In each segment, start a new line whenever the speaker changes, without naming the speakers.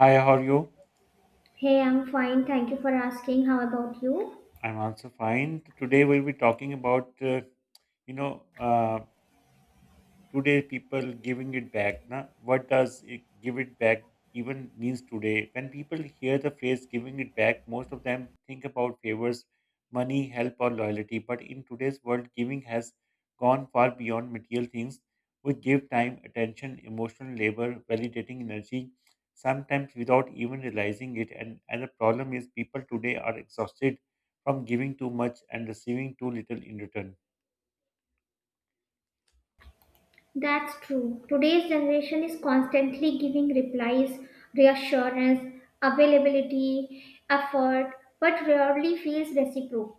Hi, how are you?
Hey, I'm fine. Thank you for asking. How about you?
I'm also fine. Today we'll be talking about, you know, uh, today people giving it back na, what does it give it back even means. Today when people hear the phrase giving it back, most of them think about favors, money, help, or loyalty, but in today's world, giving has gone far beyond material things. We give time, attention, emotional labor, validating energy, sometimes without even realizing it, and the problem is people today are exhausted from giving too much and receiving too little in return.
That's true. Today's generation is constantly giving replies, reassurance, availability, effort, but rarely feels reciprocated.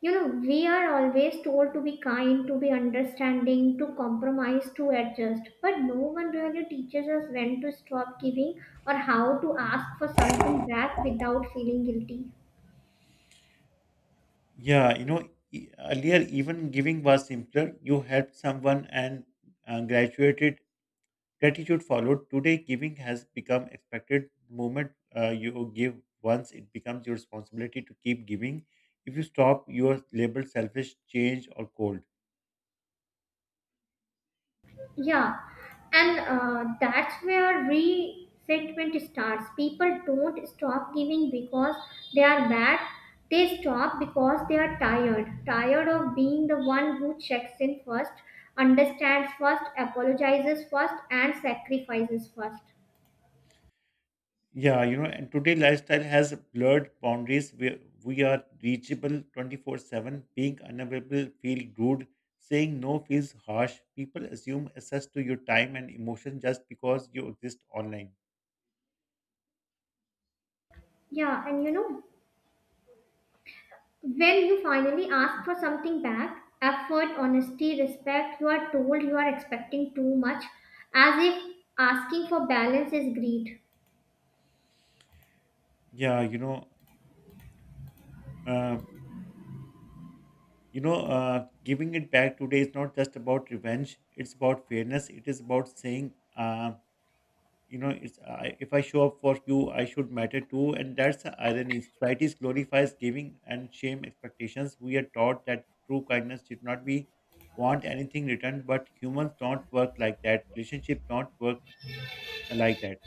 You know, we are always told to be kind, to be understanding, to compromise, to adjust, but no one really teaches us when to stop giving or how to ask for something back without feeling guilty.
Yeah, you know, earlier even giving was simpler. You helped someone and, graduated. Gratitude followed. Today, giving has become expected. The moment you give once, it becomes your responsibility to keep giving. If you stop, you are labeled selfish, change, or cold.
Yeah, and that's where resentment starts. People don't stop giving because they are bad. They stop because they are tired. Tired of being the one who checks in first, understands first, apologizes first, and sacrifices first.
Yeah, you know, and today lifestyle has blurred boundaries where we are reachable 24/7. Being unavailable feels rude. Saying no feels harsh. People assume access to your time and emotion just because you exist online.
Yeah, and you know, when you finally ask for something back, effort, honesty, respect, you are told you are expecting too much, as if asking for balance is greed.
Yeah, you know, uh, Giving it back today is not just about revenge. It's about fairness. It is about saying, if I show up for you, I should matter too. And that's the irony: society glorifies giving and shame expectations. We are taught that true kindness should not be want anything returned, but humans don't work like that, relationships don't work like that.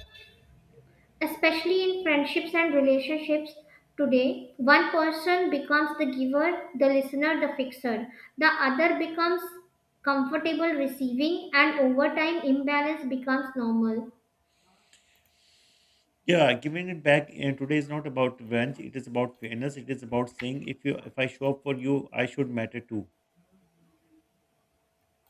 Especially in friendships and relationships today, one person becomes the giver, the listener, the fixer. The other becomes comfortable receiving, and over time, imbalance becomes normal.
Yeah, giving it back, today is not about revenge, it is about fairness, it is about saying if you, if I show up for you, I should matter too.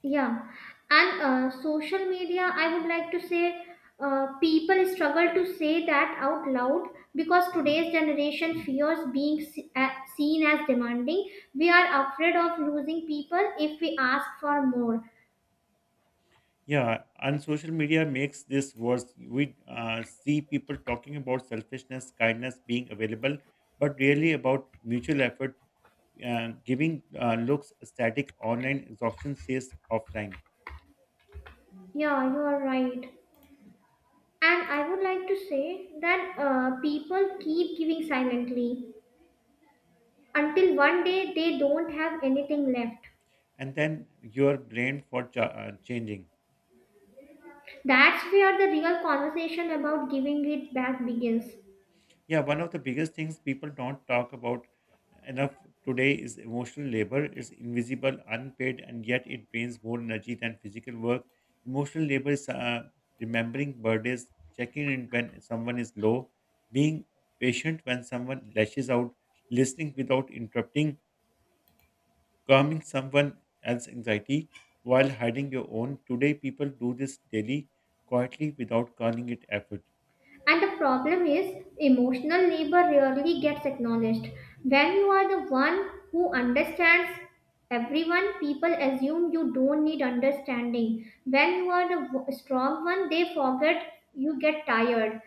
Yeah, and social media, I would like to say people struggle to say that out loud because today's generation fears being seen as demanding. We are afraid of losing people if we ask for more.
Yeah, and social media makes this worse. We see people talking about selfishness, kindness, being available, but really about mutual effort. Giving looks static online, exhaustion says offline.
Yeah, you are right. And I would like to say that people keep giving silently until one day they don't have anything left.
And then you are blamed for changing.
That's where the real conversation about giving it back begins.
Yeah, one of the biggest things people don't talk about enough today is emotional labor. It's invisible, unpaid, and yet it drains more energy than physical work. Emotional labor is, remembering birthdays, checking in when someone is low, being patient when someone lashes out, listening without interrupting, calming someone else's anxiety while hiding your own. Today, people do this daily, quietly, without calling it effort.
And the problem is, emotional labor rarely gets acknowledged. When you are the one who understands everyone, people assume you don't need understanding. When you are the strong one, they forget you get tired.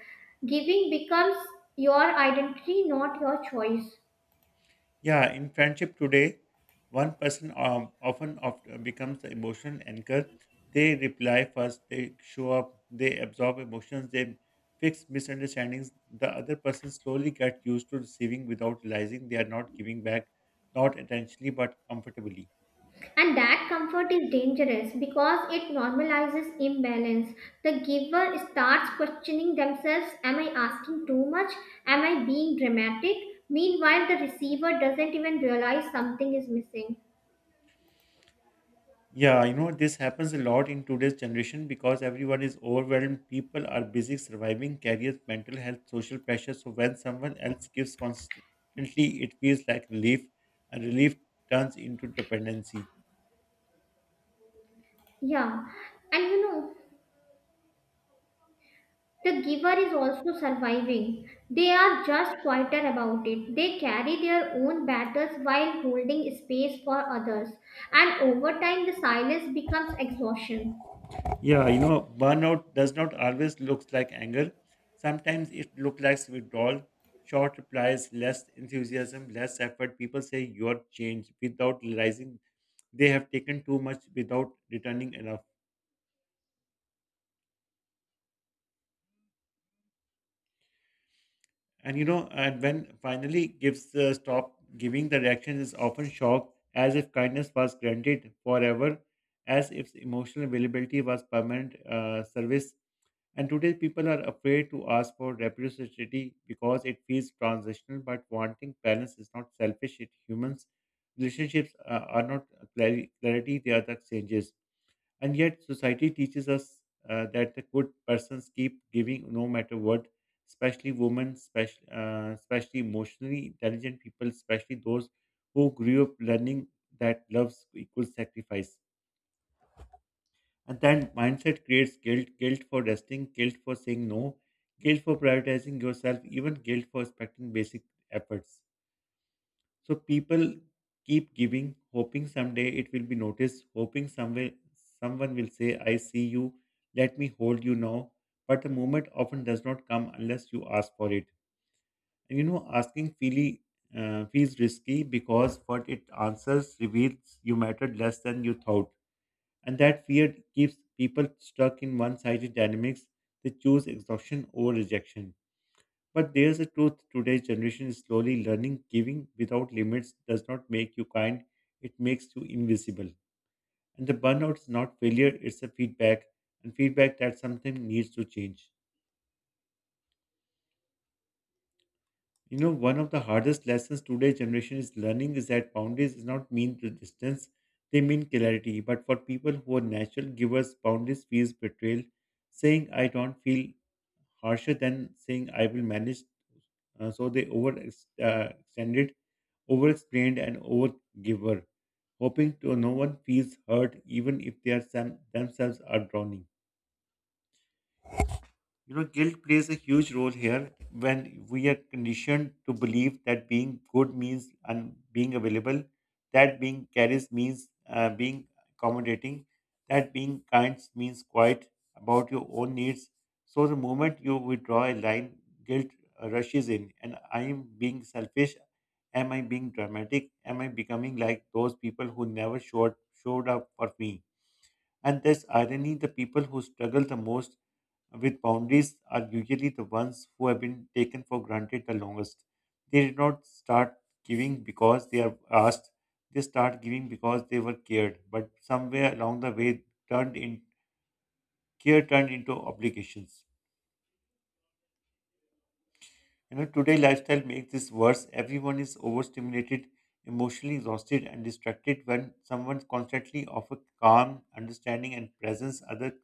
Giving becomes your identity, not your choice.
Yeah, in friendship today, one person, often becomes the emotional anchor. They reply first, they show up, they absorb emotions, they fix misunderstandings. The other person slowly gets used to receiving without realizing they are not giving back, not intentionally but comfortably.
And that comfort is dangerous because it normalizes imbalance. The giver starts questioning themselves. Am I asking too much? Am I being dramatic? Meanwhile, the receiver doesn't even realize something is missing.
Yeah, you know, this happens a lot in today's generation because everyone is overwhelmed. People are busy surviving careers, mental health, social pressure. So when someone else gives constantly, it feels like relief, and relief turns into dependency.
Yeah, and you know, the giver is also surviving. They are just quieter about it. They carry their own battles while holding space for others. And over time, the silence becomes exhaustion.
Yeah, you know, burnout does not always looks like anger. Sometimes it looks like withdrawal, short replies, less enthusiasm, less effort. People say you're changed without realizing they have taken too much without returning enough. And you know, and when finally gives the stop giving, the reaction is often shock, as if kindness was granted forever, as if emotional availability was permanent, service. And today, people are afraid to ask for reciprocity because it feels transitional. But wanting balance is not selfish; it humans relationships are not clarity; clarity they are the exchanges. And yet, society teaches us, that the good persons keep giving no matter what, especially women, especially, especially emotionally intelligent people, especially those who grew up learning that love equals sacrifice. And that mindset creates guilt, guilt for resting, guilt for saying no, guilt for prioritizing yourself, even guilt for respecting basic efforts. So people keep giving, hoping someday it will be noticed, hoping somewhere someone will say, I see you, let me hold you now. But the moment often does not come unless you ask for it. And you know, asking feely, feels risky because what it answers reveals you mattered less than you thought. And that fear keeps people stuck in one sided dynamics. They choose exhaustion over rejection. But there's a truth: today's generation is slowly learning giving without limits does not make you kind, it makes you invisible. And the burnout is not failure, it's a feedback, and feedback that something needs to change. You know, one of the hardest lessons today's generation is learning is that boundaries is not mean to distance, they mean clarity. But for people who are natural givers, boundaries feels betrayal. Saying I don't feel harsher than saying I will manage. So they over, extended, over explained, and over giver, hoping to no one feels hurt, even if they are some, themselves are drowning. You know, guilt plays a huge role here when we are conditioned to believe that being good means and being available, that being careless means, being accommodating, that being kind means quiet about your own needs. So the moment you withdraw a line, guilt, rushes in, and I am being selfish. Am I being dramatic? Am I becoming like those people who never showed up for me? And there's irony: the people who struggle the most with boundaries are usually the ones who have been taken for granted the longest. They did not start giving because they are asked, they start giving because they were cared, but somewhere along the way turned in, care turned into obligations. You know, today lifestyle makes this worse. Everyone is overstimulated, emotionally exhausted, and distracted when someone constantly offers calm, understanding, and presence. Other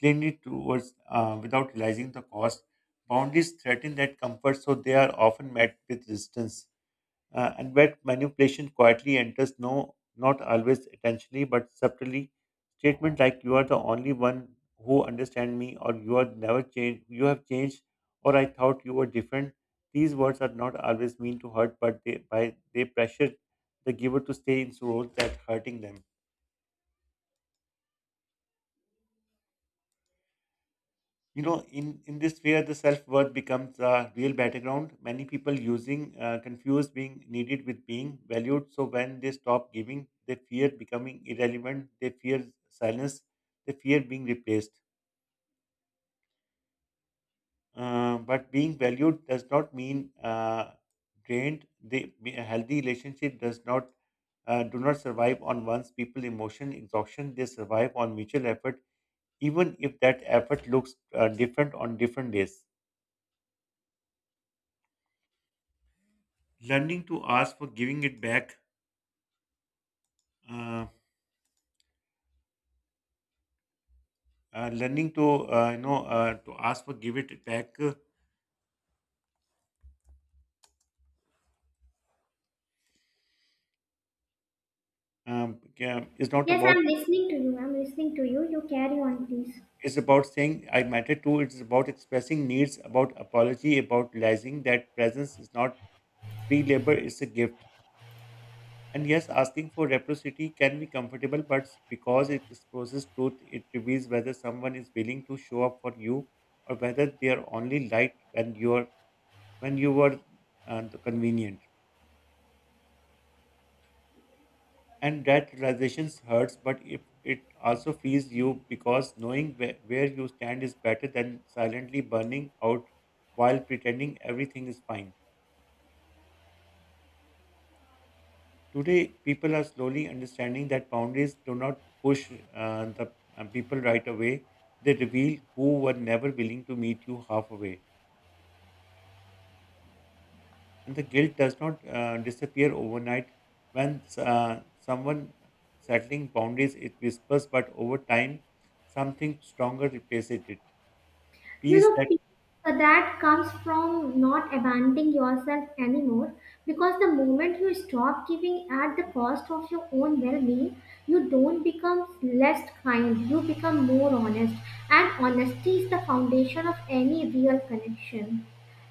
cleanly towards, without realizing the cost. Boundaries threaten that comfort, so they are often met with resistance, and where manipulation quietly enters, no, not always intentionally but subtly. Statement like you are the only one who understand me, or you are never changed, you have changed, or I thought you were different, these words are not always mean to hurt but they by, they pressure the giver to stay in roles that hurting them. You know, in this sphere, the self worth becomes a real battleground. Many people using, confuse being needed with being valued. So when they stop giving, they fear becoming irrelevant. They fear silence. They fear being replaced. But being valued does not mean, drained. The a healthy relationship does not, do not survive on one's people emotion exhaustion. They survive on mutual effort, even if that effort looks, different on different days. Learning to ask for giving it back, uh, learning to, to ask for give it back, yeah, is not
Yes,
about,
I'm listening to you. I'm listening to you. You carry on, please.
it's about saying I matter too, it's about expressing needs, about apology, about realizing that presence is not free labor, it's a gift. And yes, asking for reciprocity can be comfortable but because it exposes truth, it reveals whether someone is willing to show up for you, or whether they are only light when you are, when you were, convenient. And that realization hurts, but if it also frees you because knowing where you stand is better than silently burning out while pretending everything is fine. Today people are slowly understanding that boundaries do not push, the people right away, they reveal who were never willing to meet you halfway. And the guilt does not, disappear overnight. When, someone settling boundaries, it whispers, but over time something stronger replaces it,
You
piece
know,
that.
peace, that comes from not abandoning yourself anymore because the moment you stop giving at the cost of your own well being, you don't become less kind, you become more honest. And honesty is the foundation of any real connection.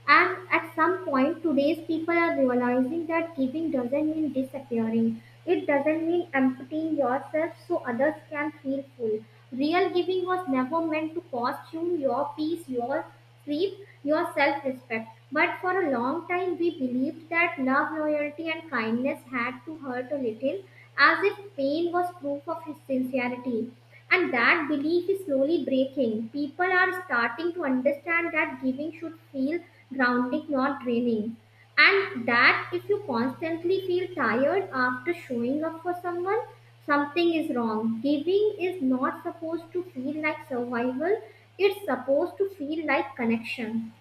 And at some point, today's people are realizing that giving doesn't mean disappearing. It doesn't mean emptying yourself so others can feel full. Real giving was never meant to cost you your peace, your sleep, your self respect. But for a long time, we believed that love, loyalty, and kindness had to hurt a little, as if pain was proof of his sincerity. And that belief is slowly breaking. People are starting to understand that giving should feel grounding, not draining. And that if you constantly feel tired after showing up for someone, something is wrong. Giving is not supposed to feel like survival, it's supposed to feel like connection.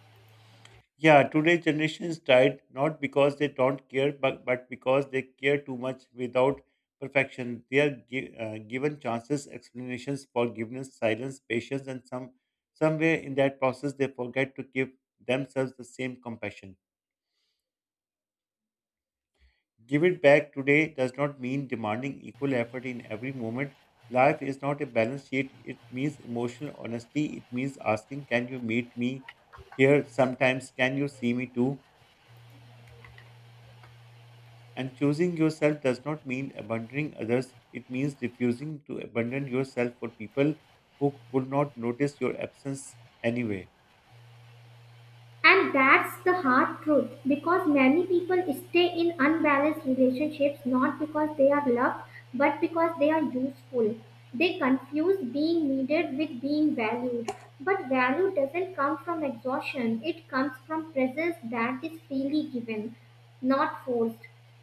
Yeah, today's generation is tired not because they don't care, but because they care too much without perfection. They are given chances, explanations, forgiveness, silence, patience, and some, somewhere in that process they forget to give themselves the same compassion. Give it back today does not mean demanding equal effort in every moment, life is not a balance sheet. It means emotional honesty, it means asking, can you meet me here sometimes, can you see me too? And choosing yourself does not mean abandoning others, it means refusing to abandon yourself for people who would not notice your absence anyway.
And that's the hard truth because many people stay in unbalanced relationships not because they are loved but because they are useful. They confuse being needed with being valued. But value doesn't come from exhaustion, it comes from presence that is freely given, not forced.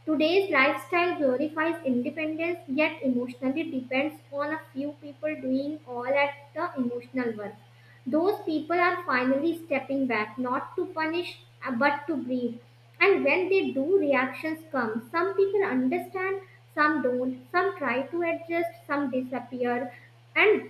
Today's lifestyle glorifies independence yet emotionally depends on a few people doing all at the emotional work. Those people are finally stepping back, not to punish, but to breathe. And when they do, reactions come. Some people understand, some don't, some try to adjust, some disappear. And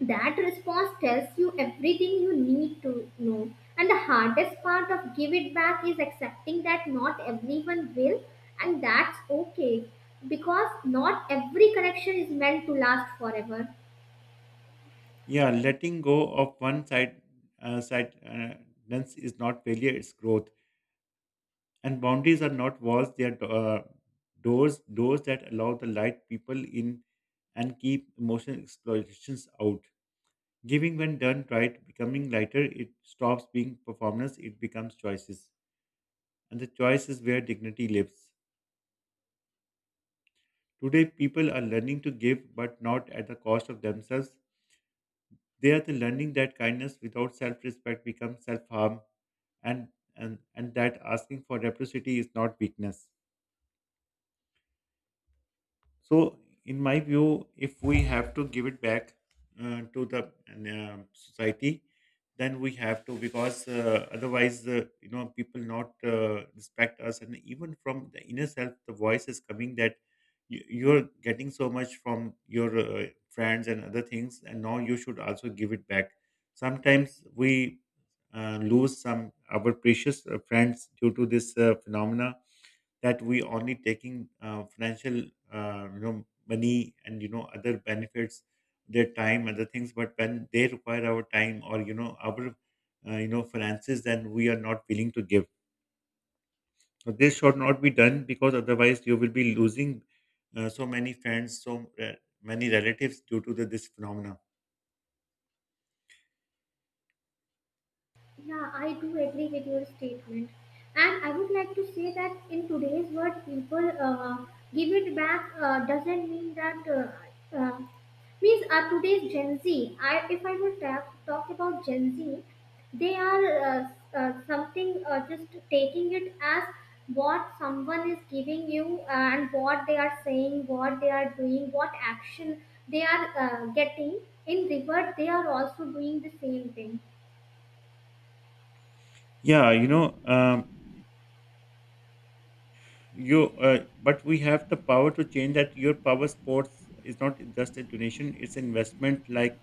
that response tells you everything you need to know. And the hardest part of give it back is accepting that not everyone will, and that's okay because not every connection is meant to last forever.
Yeah, letting go of one side, uh, side uh, dance is not failure; it's growth. And boundaries are not walls; they are doors, doors that allow the light people in and keep emotional explorations out. Giving, when done right, becoming lighter, it stops being performance; it becomes choices. And the choice is where dignity lives. Today, people are learning to give, but not at the cost of themselves. They are the learning that kindness without self-respect becomes self-harm, and and that asking for reciprocity is not weakness. So, in my view, if we have to give it back to the society, then we have to because otherwise, people not respect us, and even from the inner self, the voice is coming that you're getting so much from your friends and other things, and now you should also give it back. Sometimes we lose some our precious friends due to this phenomena, that we only taking financial, money and other benefits, their time, other things, but when they require our time or our finances, then we are not willing to give. So this should not be done, because otherwise you will be losing so many friends, so many relatives due to this phenomena.
Yeah, I do agree with your statement. And I would like to say that in today's world, people give it back doesn't mean that, means today's Gen Z, if I will talk about Gen Z, they are something just taking it as what someone is giving you and what they are saying, what they are doing, what action they are getting. In revert, they are also doing the same thing.
Yeah, you know. You But we have the power to change that. Your power sports is not just a donation, it's investment. Like,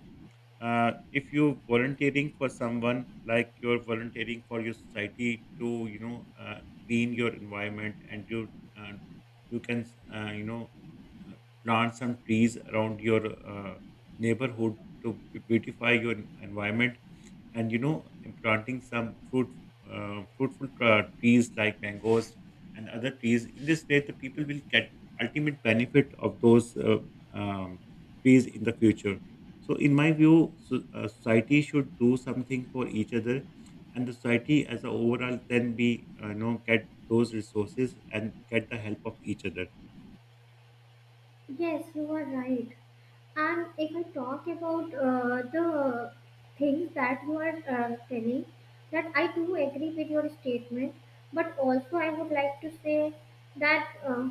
if you're volunteering for someone, like you're volunteering for your society to, you know, clean your environment, and uh, you can, uh, you know uh, plant some trees around your uh, neighborhood to beautify your environment, and, you know, planting some fruit, fruitful trees like mangoes and other trees. In this way, the people will get ultimate benefit of those um, trees in the future. So, in my view, so, society should do something for each other, and the society as a overall then be, you know, get those resources and get the help of each other.
Yes, you are right. And if I talk about the things that you are telling, that I do agree with your statement, but also I would like to say that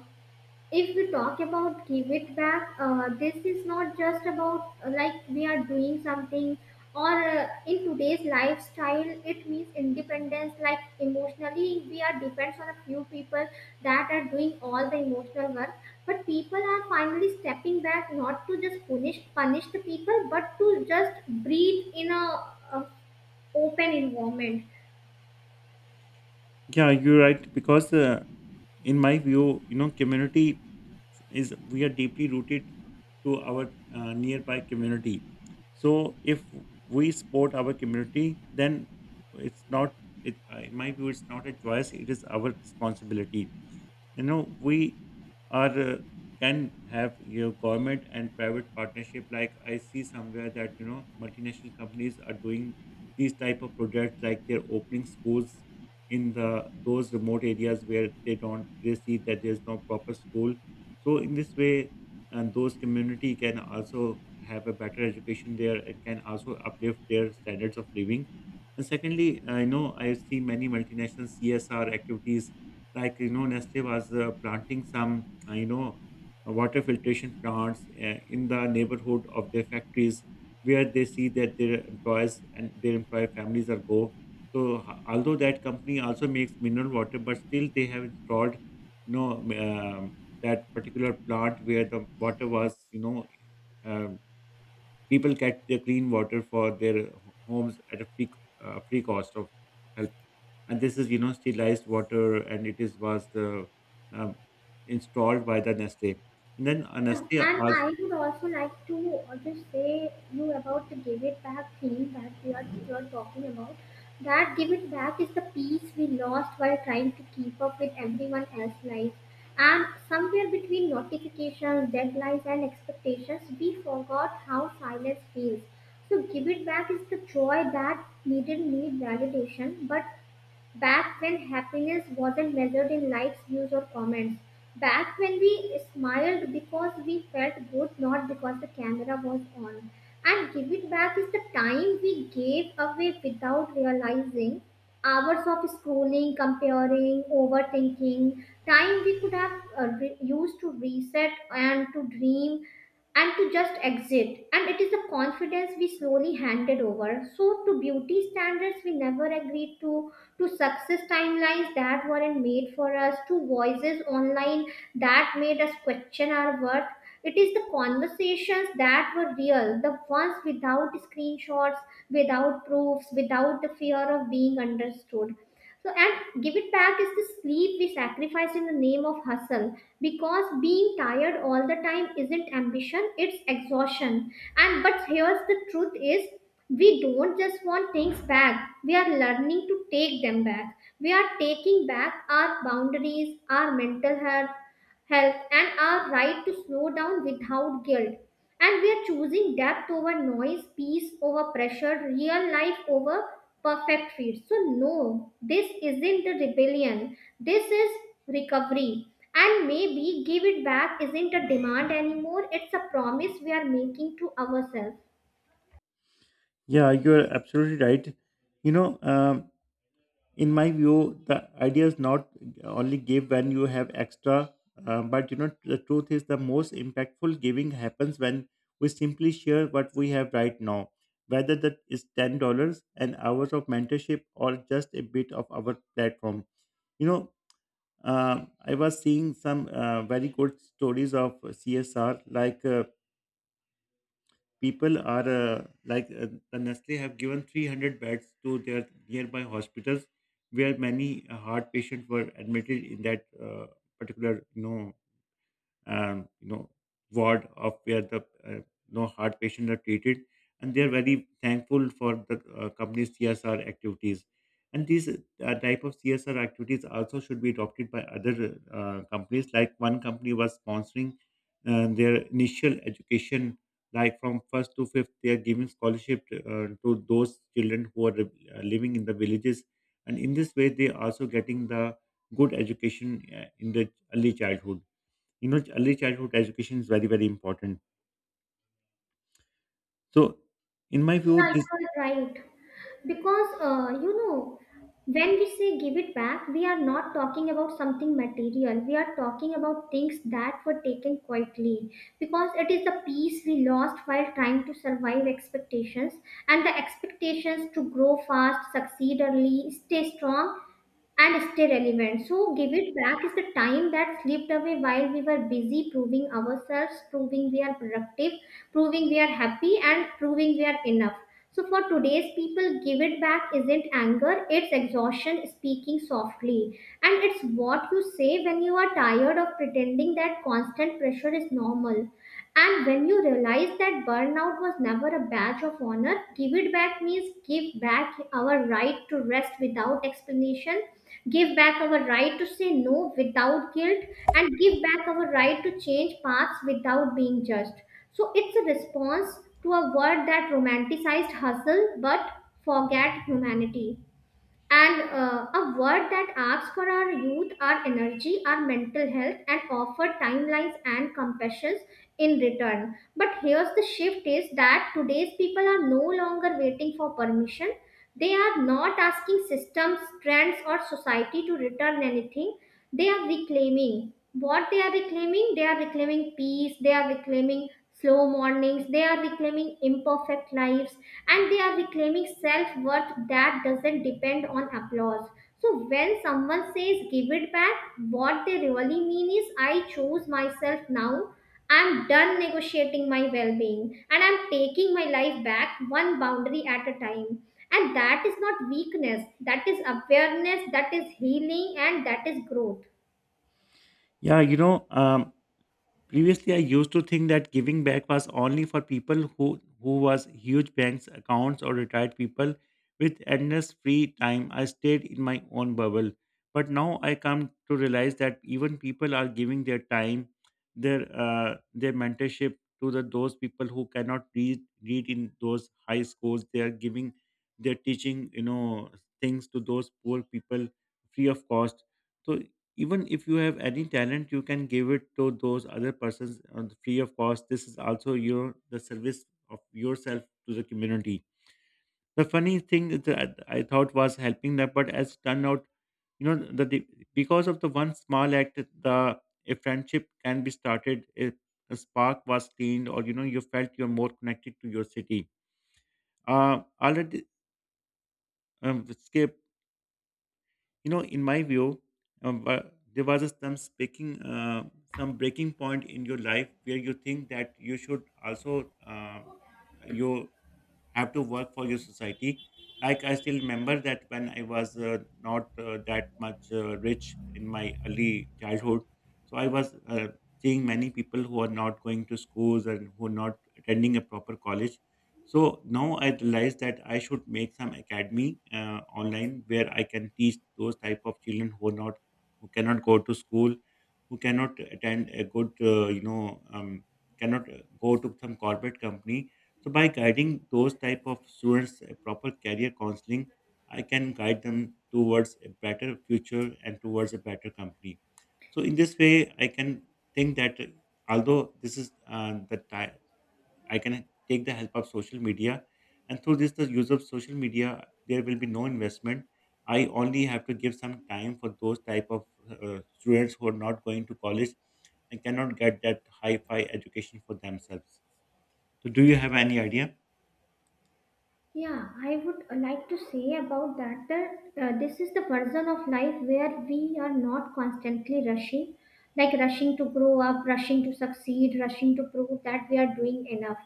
if we talk about give it back, this is not just about like we are doing something or in today's lifestyle it means independence, like emotionally we are depends on a few people that are doing all the emotional work, but people are finally stepping back not to just punish the people but to just breathe in a open environment.
Yeah, you're right, because in my view, you know, community is, we are deeply rooted to our nearby community. So, if we support our community, then it's not, it in my view, it's not a choice; it is our responsibility. You know, we are, can have your government and private partnership. Like, I see somewhere that, you know, multinational companies are doing these type of projects, like they're opening schools in the those remote areas where they don't they see that there's no proper school. So in this way, and those community can also have a better education there and can also uplift their standards of living. And secondly, I know, I see many multinational CSR activities, like, you know, Nestle was planting some water filtration plants in the neighborhood of their factories, where they see that their employees and their employee families are go. So although that company also makes mineral water, but still they have installed, you know, um, that particular plant where the water was, you know, um, people get their clean water for their homes at a free free cost of help. And this is, you know, sterilized water, and it is was the, um, installed by the Nestle. And then
Yeah,
Nestle
and
also.
I would also like to just say you about the give it back thing that you are talking about. That give it back is the peace we lost while trying to keep up with everyone else's life. And somewhere between notifications, deadlines, and expectations, we forgot how silence feels. So give it back is the joy that needn't need validation, but back when happiness wasn't measured in likes, views, or comments. Back when we smiled because we felt good, not because the camera was on. And give it back is the time we gave away without realizing. Hours of scrolling, comparing, overthinking, time we could have used to reset and to dream and to just exit. And it is the confidence we slowly handed over. So to beauty standards we never agreed to success timelines that weren't made for us, to voices online that made us question our worth. It is the conversations that were real, the ones without screenshots, without proofs, without the fear of being understood. So, and give it back is the sleep we sacrificed in the name of hustle because being tired all the time isn't ambition, it's exhaustion. And but here's the truth is we don't just want things back, we are learning to take them back. We are taking back our boundaries, our mental health, and our right to slow down without guilt. And we are choosing depth over noise, peace over pressure, real life over perfect feeds. So, no, this isn't a rebellion, this is recovery. And maybe give it back isn't a demand anymore, it's a promise we are making to ourselves.
Yeah, you are absolutely right. You know, um, in my view, the idea is not only give when you have extra, but you know, the truth is the most impactful giving happens when we simply share what we have right now, whether that is $10, an hour of mentorship, or just a bit of our platform. you know uh, I was seeing some very good stories of CSR, like people are like the Nestle have given 300 beds to their nearby hospitals, where many heart patients were admitted in that particular, you know, um, you know ward of where the, uh, you heart patients are treated, and they are very thankful for the company's CSR activities. And these type of CSR activities also should be adopted by other companies. Like, one company was sponsoring their initial education, like from first to fifth, they are giving scholarship to those children who are living in the villages, and in this way, they are also getting the good education in the early childhood. You know, early childhood education is very, very important. So in my view,
Yeah, you
this.
are right. Because, you know, when we say give it back, we are not talking about something material. We are talking about things that were taken quietly. Because it is the peace we lost while trying to survive expectations and the expectations to grow fast, succeed early, stay strong and stay relevant. So, give it back is the time that slipped away while we were busy proving ourselves, proving we are productive, proving we are happy, and proving we are enough. So, for today's people, give it back isn't anger, it's exhaustion speaking softly. And it's what you say when you are tired of pretending that constant pressure is normal. And when you realize that burnout was never a badge of honor, give it back means give back our right to rest without explanation, give back our right to say no without guilt, and give back our right to change paths without being judged. So it's a response to a world that romanticized hustle but forget humanity and a word that asks for our youth, our energy, our mental health, and offer timelines and compassions in return. But here's the shift is that today's people are no longer waiting for permission. They are not asking systems, trends, or society to return anything. They are reclaiming. What they are reclaiming? They are reclaiming peace, they are reclaiming slow mornings. They are reclaiming imperfect lives and they are reclaiming self worth that doesn't depend on applause. So, when someone says give it back, what they really mean is I choose myself now. I'm done negotiating my well being and I'm taking my life back one boundary at a time. And that is not weakness, that is awareness, that is healing, and that is growth.
Yeah, you know. Previously, I used to think that giving back was only for people who was huge banks accounts, or retired people with endless free time. I stayed in my own bubble, but now I come to realize that even people are giving their time, their mentorship to the those people who cannot read in those high schools. They are giving their teaching, you know, things to those poor people free of cost. So even if you have any talent, you can give it to those other persons on the free of cost. This is also your the service of yourself to the community. The funny thing that I thought was helping them, but as turned out, you know, the the- because of the one small act, the a friendship can be started, a spark was cleaned, or you know, you felt you're more connected to your city, already. Skip You know, in my view, um, uh, there was some speaking some breaking point in your life where you think that you should also, you have to work for your society. Like, I still remember that when I was not that much rich in my early childhood, so I was seeing many people who are not going to schools and who are not attending a proper college. So now I realized that I should make some academy online, where I can teach those type of children who are not who cannot go to school, who cannot attend a good cannot go to some corporate company. So by guiding those type of students a proper career counseling, I can guide them towards a better future and towards a better company. So in this way, I can think that although this is the time, I can take the help of social media. And through this, the use of social media, there will be no investment. I only have to give some time for those type of students who are not going to college and cannot get that high-fi education for themselves. So, do you have any idea?
Yeah, I would like to say about that that this is the version of life where we are not constantly rushing, like rushing to grow up, rushing to succeed, rushing to prove that we are doing enough.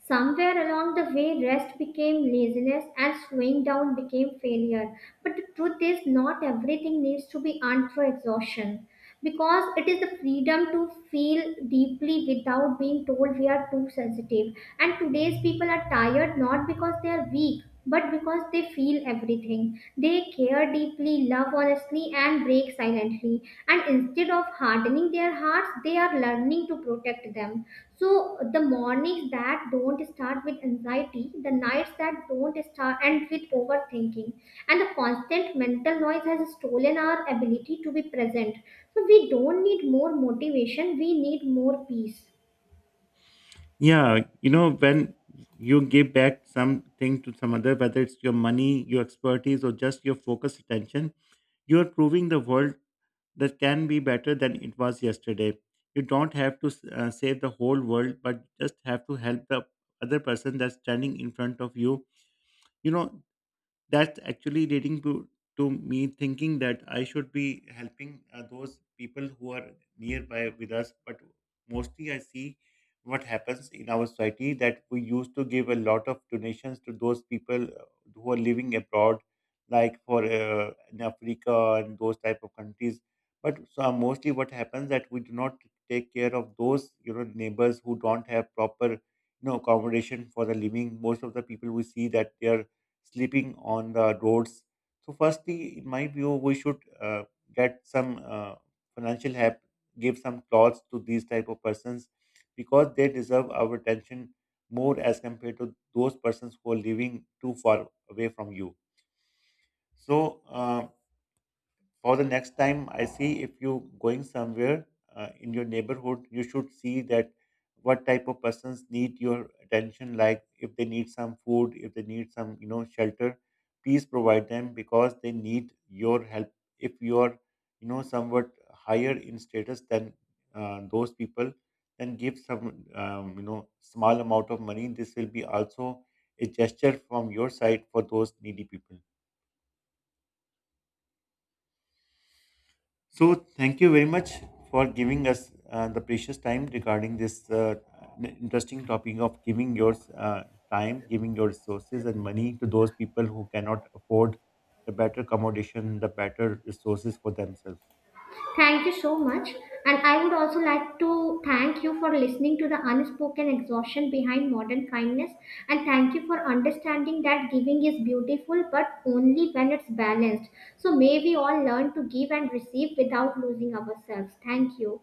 Somewhere along the way, rest became laziness and slowing down became failure. But the truth is, not everything needs to be earned through exhaustion because it is the freedom to feel deeply without being told we are too sensitive, and today's people are tired not because they are weak but because they feel everything. They care deeply, love honestly, and break silently, and instead of hardening their hearts they are learning to protect them. So the mornings that don't start with anxiety, the nights that don't start end with overthinking, and the constant mental noise has stolen our ability to be present. So we don't need more motivation, we need more peace.
Yeah, you know, when you give back something to some other, whether it's your money, your expertise, or just your focused attention, you are proving the world that can be better than it was yesterday. You don't have to save the whole world, but just have to help the other person that's standing in front of you. You know, that's actually leading to me thinking that I should be helping those people who are nearby with us. But mostly, I see what happens in our society, that we used to give a lot of donations to those people who are living abroad, like for in Africa and those type of countries. But so mostly, what happens that we do not take care of those, you know, neighbors who don't have proper, you know, accommodation for the living. Most of the people we see that they are sleeping on the roads. So, firstly, in my view, we should get some financial help, give some clothes to these type of persons, because they deserve our attention more as compared to those persons who are living too far away from you. So. For the next time, I see if you going somewhere in your neighborhood, you should see that what type of persons need your attention. Like, if they need some food, if they need some, you know, shelter, please provide them, because they need your help. If you are, you know, somewhat higher in status than those people, then give some you know, small amount of money. This will be also a gesture from your side for those needy people. So, thank you very much for giving us the precious time regarding this interesting topic of giving your time, giving your resources and money to those people who cannot afford the better accommodation, the better resources for themselves.
Thank you so much. And I would also like to thank you for listening to the unspoken exhaustion behind modern kindness. And thank you for understanding that giving is beautiful, but only when it's balanced. So may we all learn to give and receive without losing ourselves. Thank you.